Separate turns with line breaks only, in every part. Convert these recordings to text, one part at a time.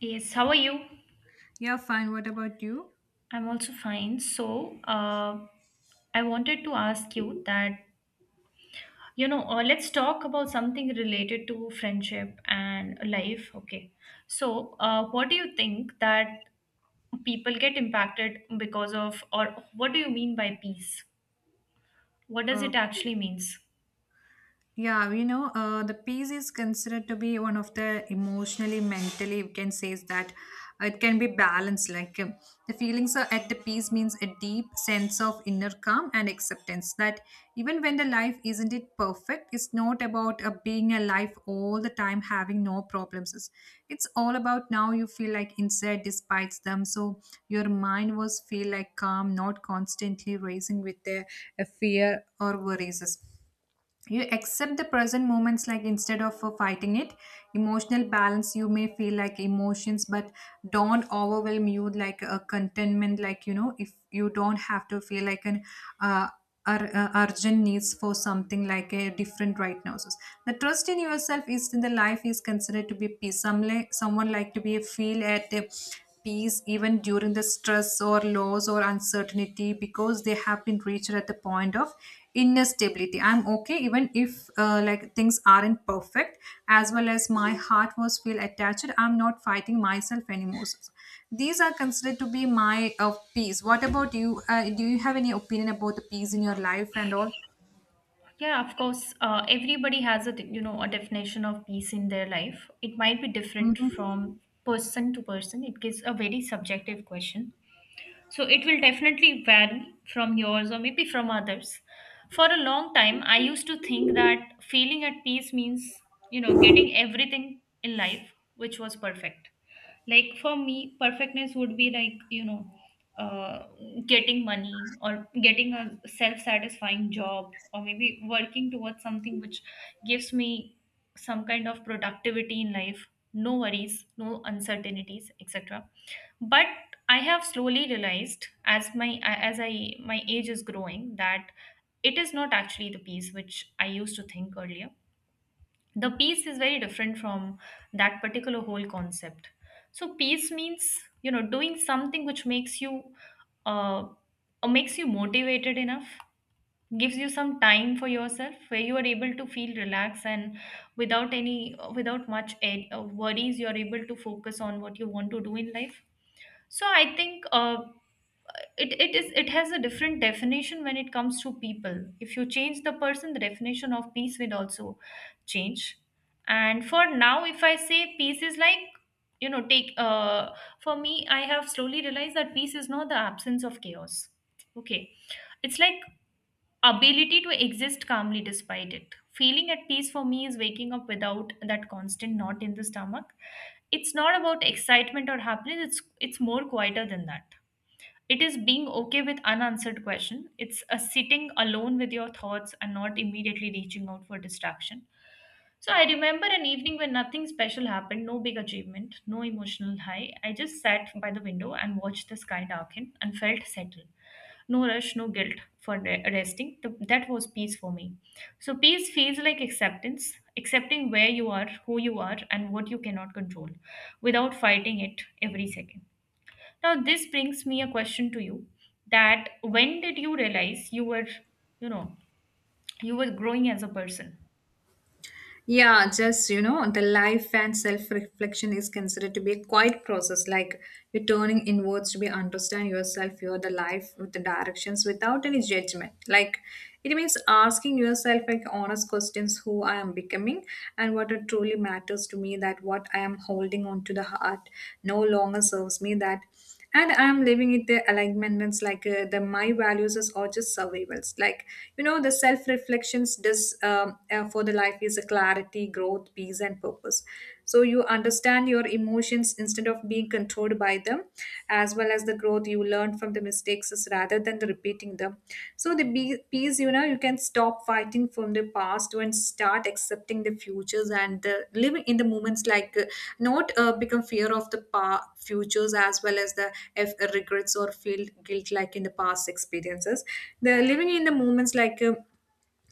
Yes, how are you?
Yeah, fine. What about you?
I'm also fine. I wanted to ask you that, let's talk about something related to friendship and life. Okay. What do you think that people get impacted because of, or what do you mean by peace? What does
Uh,
it actually means?
The peace is considered to be one of the emotionally, mentally, we can say is that it can be balanced. The feelings are at the peace means a deep sense of inner calm and acceptance that even when the life isn't it perfect, it's not about being alive all the time, having no problems. It's all about now you feel like inside despite them. So your mind was feel like calm, not constantly racing with the fear or worries. You accept the present moments like instead of fighting it. Emotional balance, you may feel like emotions but don't overwhelm you, like a contentment, if you don't have to feel like an uh, urgent needs for something like a different right now. So the trust in yourself is in the life is considered to be peace. Some like, someone like to be feel at a peace even during the stress or loss or uncertainty because they have been reached at the point of inner stability. I'm okay even if like things aren't perfect, as well as my heart was feel attached, I'm not fighting myself anymore. So these are considered to be my peace. What about you? Do you have any opinion about the peace in your life and all?
Yeah, of course, everybody has a, a definition of peace in their life. It might be different
Mm-hmm.
from person to person. It gives a very subjective question. So it will definitely vary from yours or maybe from others. For a long time, I used to think that feeling at peace means, you know, getting everything in life which was perfect. Like for me, perfectness would be like, uh, getting money or getting a self satisfying job or maybe working towards something which gives me some kind of productivity in life, no worries, no uncertainties, etc. But I have slowly realized as my as I my age is growing that it is not actually the peace which I used to think earlier. The peace is very different from that particular whole concept. So peace means you know doing something which makes you uh, makes you motivated enough, gives you some time for yourself where you are able to feel relaxed and without much worries you are able to focus on what you want to do in life so I think it has a different definition when it comes to people. If you change the person, the definition of peace will also change. And for now if I say peace is like you know take for me I have slowly realized that peace is not the absence of chaos. Okay. It's like ability to exist calmly despite it. Feeling at peace for me is waking up without that constant knot in the stomach. It's not about excitement or happiness, it's more quieter than that. It is being okay with unanswered question. It's a sitting alone with your thoughts and not immediately reaching out for distraction. So I remember an evening when nothing special happened, no big achievement, no emotional high. I just sat by the window and watched the sky darken and felt settled. No rush, no guilt for resting. That was peace for me. So peace feels like acceptance, accepting where you are, who you are, and what you cannot control without fighting it every second. Now, this brings me a question to you, that when did you realize you were, you know, you were growing as a person?
Yeah, just you know, the life and self reflection is considered to be a quiet process, like you're turning inwards to be understand yourself, your the life with the directions without any judgment. Like it means asking yourself like honest questions, who I am becoming and what it truly matters to me, that what I am holding on to the heart no longer serves me that, and I'm living it the alignments like the my values is or just survivals. Like the self reflections does for the life is a clarity, growth, peace and purpose. So you understand your emotions instead of being controlled by them, as well as the growth you learn from the mistakes is rather than the and repeating them. So the peace, you know, you can stop fighting from the past and start accepting the futures and living in the moments, like not become fear of the futures as well as the regrets or feel guilt like in the past experiences. The living in the moments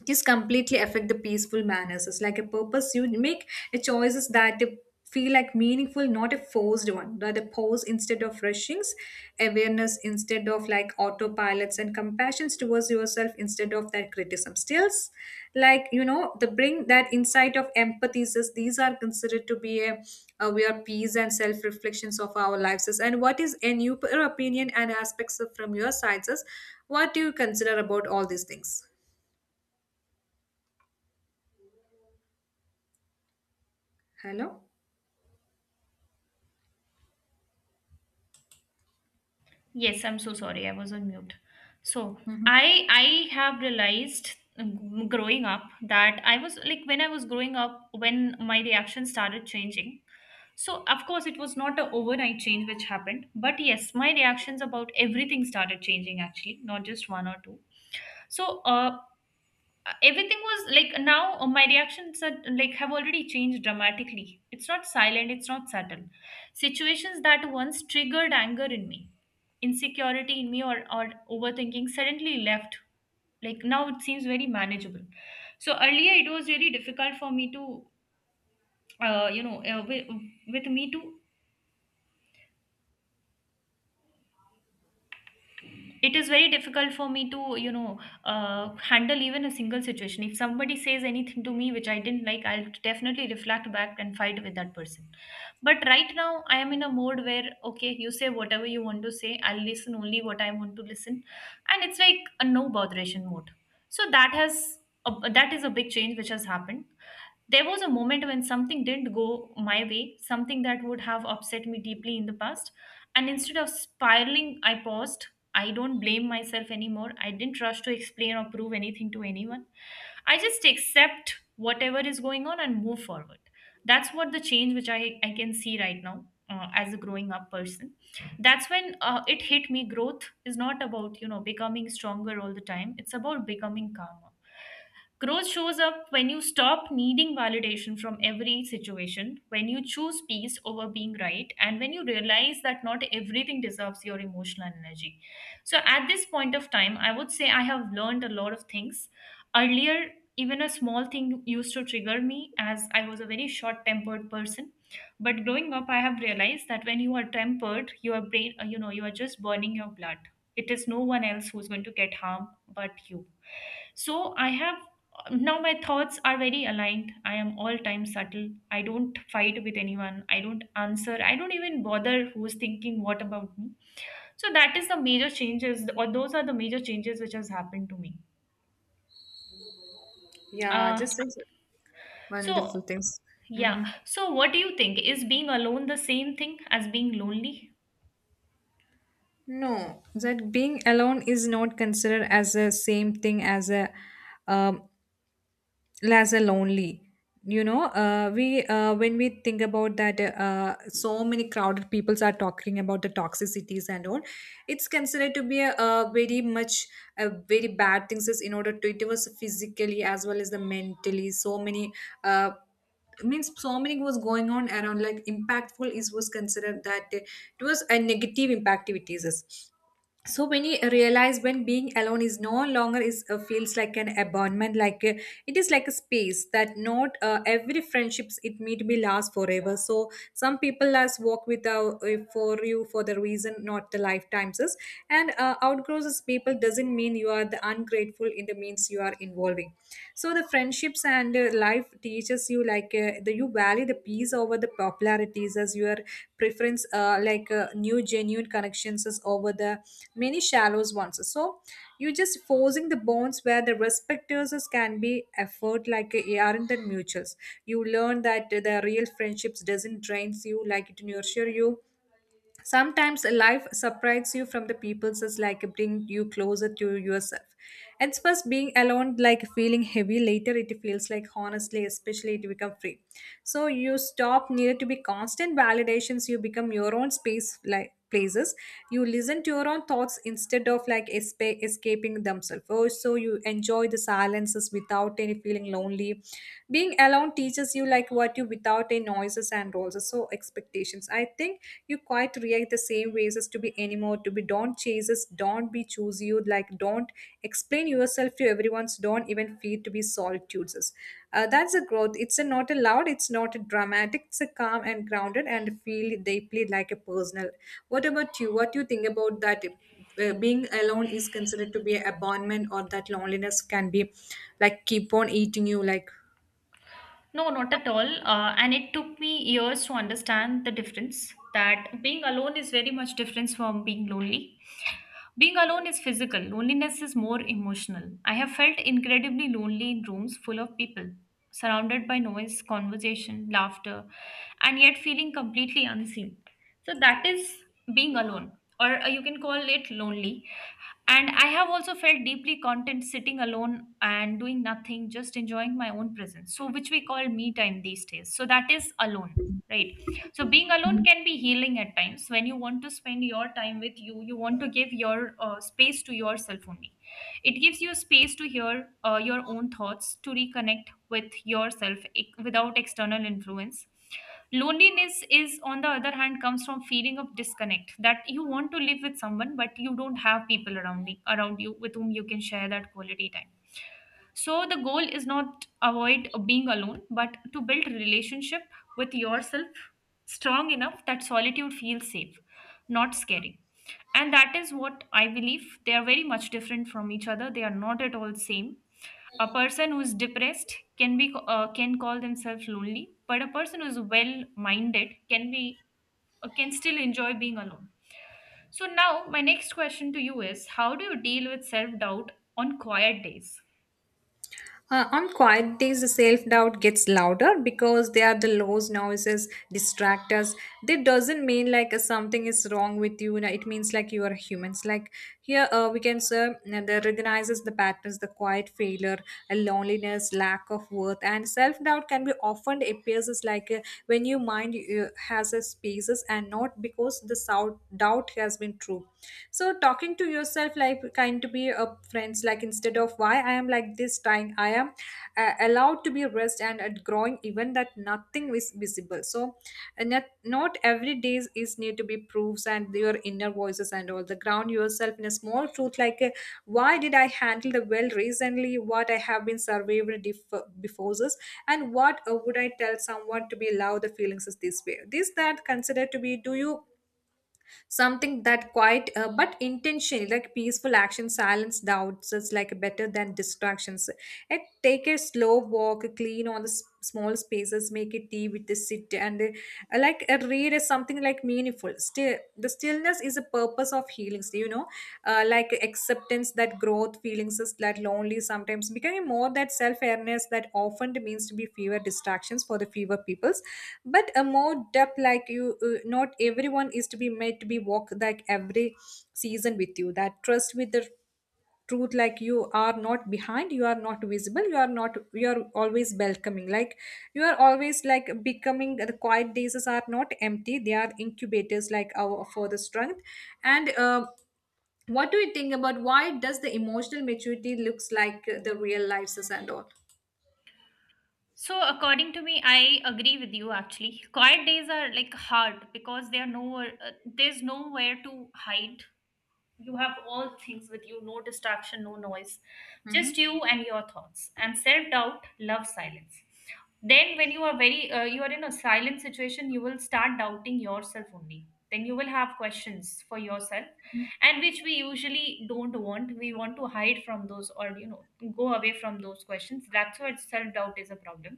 just completely affect the peaceful manners. It's like a purpose. You make a choices that they feel like meaningful, not a forced one. That a pause instead of rushings, awareness instead of like autopilots, and compassions towards yourself instead of that criticism. Stills, the bring that insight of empathy. Says, these are considered to be a we are peace and self reflections of our lives. Says, and what is in your opinion and aspects of, from your sides? Says, what do you consider about all these things? Hello.
Yes, I'm so sorry. I was on mute. So
Hmm.
I have realized growing up that I was like when I was growing up when my reaction started changing. So of course it was not an overnight change which happened, but yes, my reactions about everything started changing actually, not just one or two. So everything was like now my reactions are like have already changed dramatically. It's not silent, it's not subtle. Situations that once triggered anger in me, insecurity in me, or overthinking suddenly left. Like now it seems very manageable. So earlier it was really difficult for me to uh, you know uh, with, with me to it is very difficult for me to handle even a single situation. If somebody says anything to me which I didn't like, I'll definitely reflect back and fight with that person. But right now I am in a mode where okay, you say whatever you want to say, I'll listen only what I want to listen. And it's like a no botheration mode. So that has that is a big change which has happened. There was a moment when something didn't go my way, something that would have upset me deeply in the past, and instead of spiraling I paused. I don't blame myself anymore. I didn't rush to explain or prove anything to anyone. I just accept whatever is going on and move forward. That's what the change which I can see right now as a growing up person. That's when it hit me. Growth is not about, you know, becoming stronger all the time, it's about becoming calmer. Growth shows up when you stop needing validation from every situation, when you choose peace over being right, and when you realize that not everything deserves your emotional energy. So, at this point of time, I would say I have learned a lot of things. Earlier, even a small thing used to trigger me as I was a very short tempered person. But growing up, I have realized that when you are tempered, your brain, you are just burning your blood. It is no one else who's going to get harm but you. So I have now my thoughts are very aligned. I am all time subtle, I don't fight with anyone, I don't answer, I don't even bother who's thinking what about me. So that is the major changes, or those are the major changes which has happened to me.
Yeah,
uh
just as wonderful
so
things.
yeah,
Hmm.
so what do you think, is being alone the same thing as being lonely?
No. That being alone is not considered as the same thing as a um, Laza lonely. You know, we when we think about that, so many crowded peoples are talking about the toxicities and all. It's considered to be a very much a very bad things, is in order to it was physically as well as the mentally. So many, uh, means so many was going on around like impactful is was considered that it was a negative impactivities. So when you realize when being alone is no longer is feels like an abandonment it is like a space that not every friendships, it may be last forever. So some people last walk with for you for the reason, not the lifetimes is, and outgrows as people doesn't mean you are the ungrateful in the means you are involving. So the friendships and life teaches you the you value the peace over the popularities as you are preference, new genuine connections is over the many shallow ones. So you just forcing the bonds where the respecters is can be effort aren't the mutuals. You learn that the real friendships doesn't drains you, like it nurture you. Sometimes life surprises you from the people just like bring you closer to yourself. At first being alone like feeling heavy, later it feels like honestly especially it become free. So you stop needed to be constant validations, you become your own space like places. You listen to your own thoughts instead of like escaping themselves. Also you enjoy the silences without any feeling lonely. Being alone teaches you like what you without any noises and also so expectations. I think you quite react the same ways as to be anymore to be don't chases. Don't be choose you, like don't explain yourself to everyone's, don't even feel to be solitudes. That's a growth. It's a not a loud, it's not a dramatic, it's a calm and grounded and feel deeply like a personal. What about you? What do you think about that? Being alone is considered to be a abandonment or that loneliness can be like keep on eating you like.
No, not at all. And it took me years to understand the difference, that being alone is very much different from being lonely. Being alone is physical, loneliness is more emotional. I have felt incredibly lonely in rooms full of people, surrounded by noise, conversation, laughter, and yet feeling completely unseen. So that is being alone, or you can call it lonely. And I have also felt deeply content sitting alone and doing nothing, just enjoying my own presence. So, which we call me time these days. So, that is alone, right? So being alone can be healing at times when you want to spend your time with you, you want to give your space to yourself only. It gives you space to hear your own thoughts, to reconnect with yourself without external influence. Loneliness is, on the other hand, comes from feeling of disconnect that you want to live with someone, but you don't have people around you with whom you can share that quality time. So the goal is not avoid being alone, but to build relationship with yourself strong enough that solitude feels safe, not scary. And that is what I believe. They are very much different from each other. They are not at all same. A person who is depressed can be can call themselves lonely, but a person who is well-minded can be can still enjoy being alone. So now my next question to you is: How do you deal with self-doubt on quiet days?
On quiet days, the self doubt gets louder because they are the lows, noises, distractors. That doesn't mean something is wrong with you. No, it means like you are humans. Like here, we can say the recognizes the patterns, the quiet failure, a loneliness, lack of worth, and self doubt can be often appears as when your mind has a spaces and not because the doubt has been true. So talking to yourself like kind to be a friends, like instead of why I am like this time I am allowed to be rest and at growing even that nothing is visible. So, and not every day is need to be proofs and your inner voices and all the ground yourself in a small truth, why did I handle the well recently, what I have been survived before this, and what would I tell someone to be allow the feelings is this way this that consider to be do you something that quite but intentionally like peaceful action silence doubts is like better than distractions. And take a slow walk clean on the small spaces, make a tea with the sit and like a read is something like meaningful, still the stillness is a purpose of healing, you know. Like acceptance that growth feelings is that lonely sometimes becoming more that self-awareness that often means to be fewer distractions for the fewer peoples, but a more depth like you, not everyone is to be made to be walk like every season with you, that trust with the truth like you are not behind, you are not visible, you are not, you are always welcoming, like you are always like becoming. The quiet days are not empty, they are incubators like our for the strength. And what do you think about why does the emotional maturity looks like the real life and all?
So, according to me, I agree with you actually. Quiet days are like hard because there are nowhere, there's nowhere to hide. You have all things with you, no distraction, no noise,
Mm-hmm.
just you and your thoughts. And self doubt loves silence. Then, when you are you are in a silent situation, you will start doubting yourself only. Then you will have questions for yourself, and which we usually don't want. We want to hide from those or you know go away from those questions. That's why self doubt is a problem.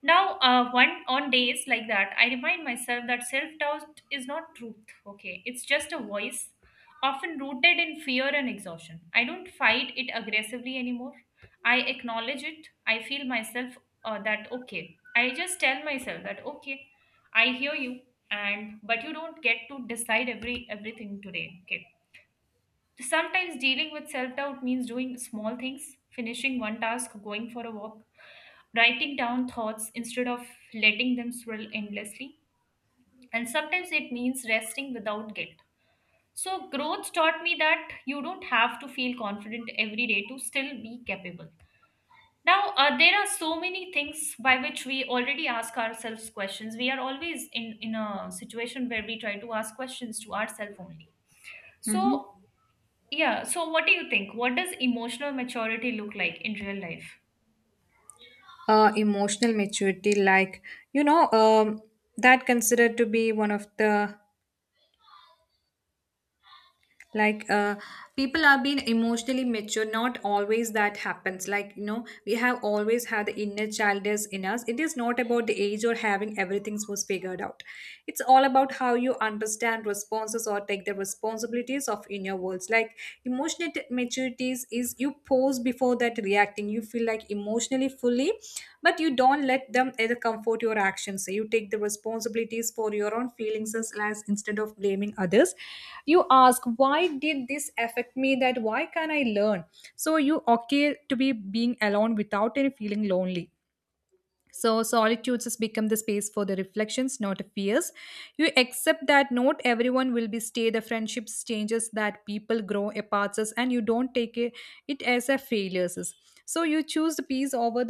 Now, one on days like that, I remind myself that self doubt is not truth. Okay, it's just a voice, often rooted in fear and exhaustion. I don't fight it aggressively anymore. I acknowledge it. I feel myself that okay. I just tell myself that okay, I hear you, and but you don't get to decide everything today. Okay. Sometimes dealing with self doubt means doing small things, finishing one task, going for a walk, writing down thoughts instead of letting them swirl endlessly. And sometimes it means resting without guilt. So, growth taught me that you don't have to feel confident every day to still be capable. Now, there are so many things by which we already ask ourselves questions. We are always in a situation where we try to ask questions to ourselves only.
Mm-hmm.
So, yeah, so what do you think? What does emotional maturity look like in real life?
Emotional maturity, you know um, that considered to be one of the like uh, people are being emotionally mature not always that happens, like you know we have always had the inner child is in us. It is not about the age or having everything was figured out, it's all about how you understand responses or take the responsibilities of inner worlds. Like emotional maturities is you pause before that reacting, you feel like emotionally fully but you don't let them either comfort your actions. You take the responsibilities for your own feelings as instead of blaming others. You ask, why did this affect me? That why can I learn? So you okay to be being alone without any feeling lonely. So solitudes has become the space for the reflections, not fears. You accept that not everyone will be stay. The friendships changes that people grow apart, and you don't take it, it as a failures. So you choose the peace over the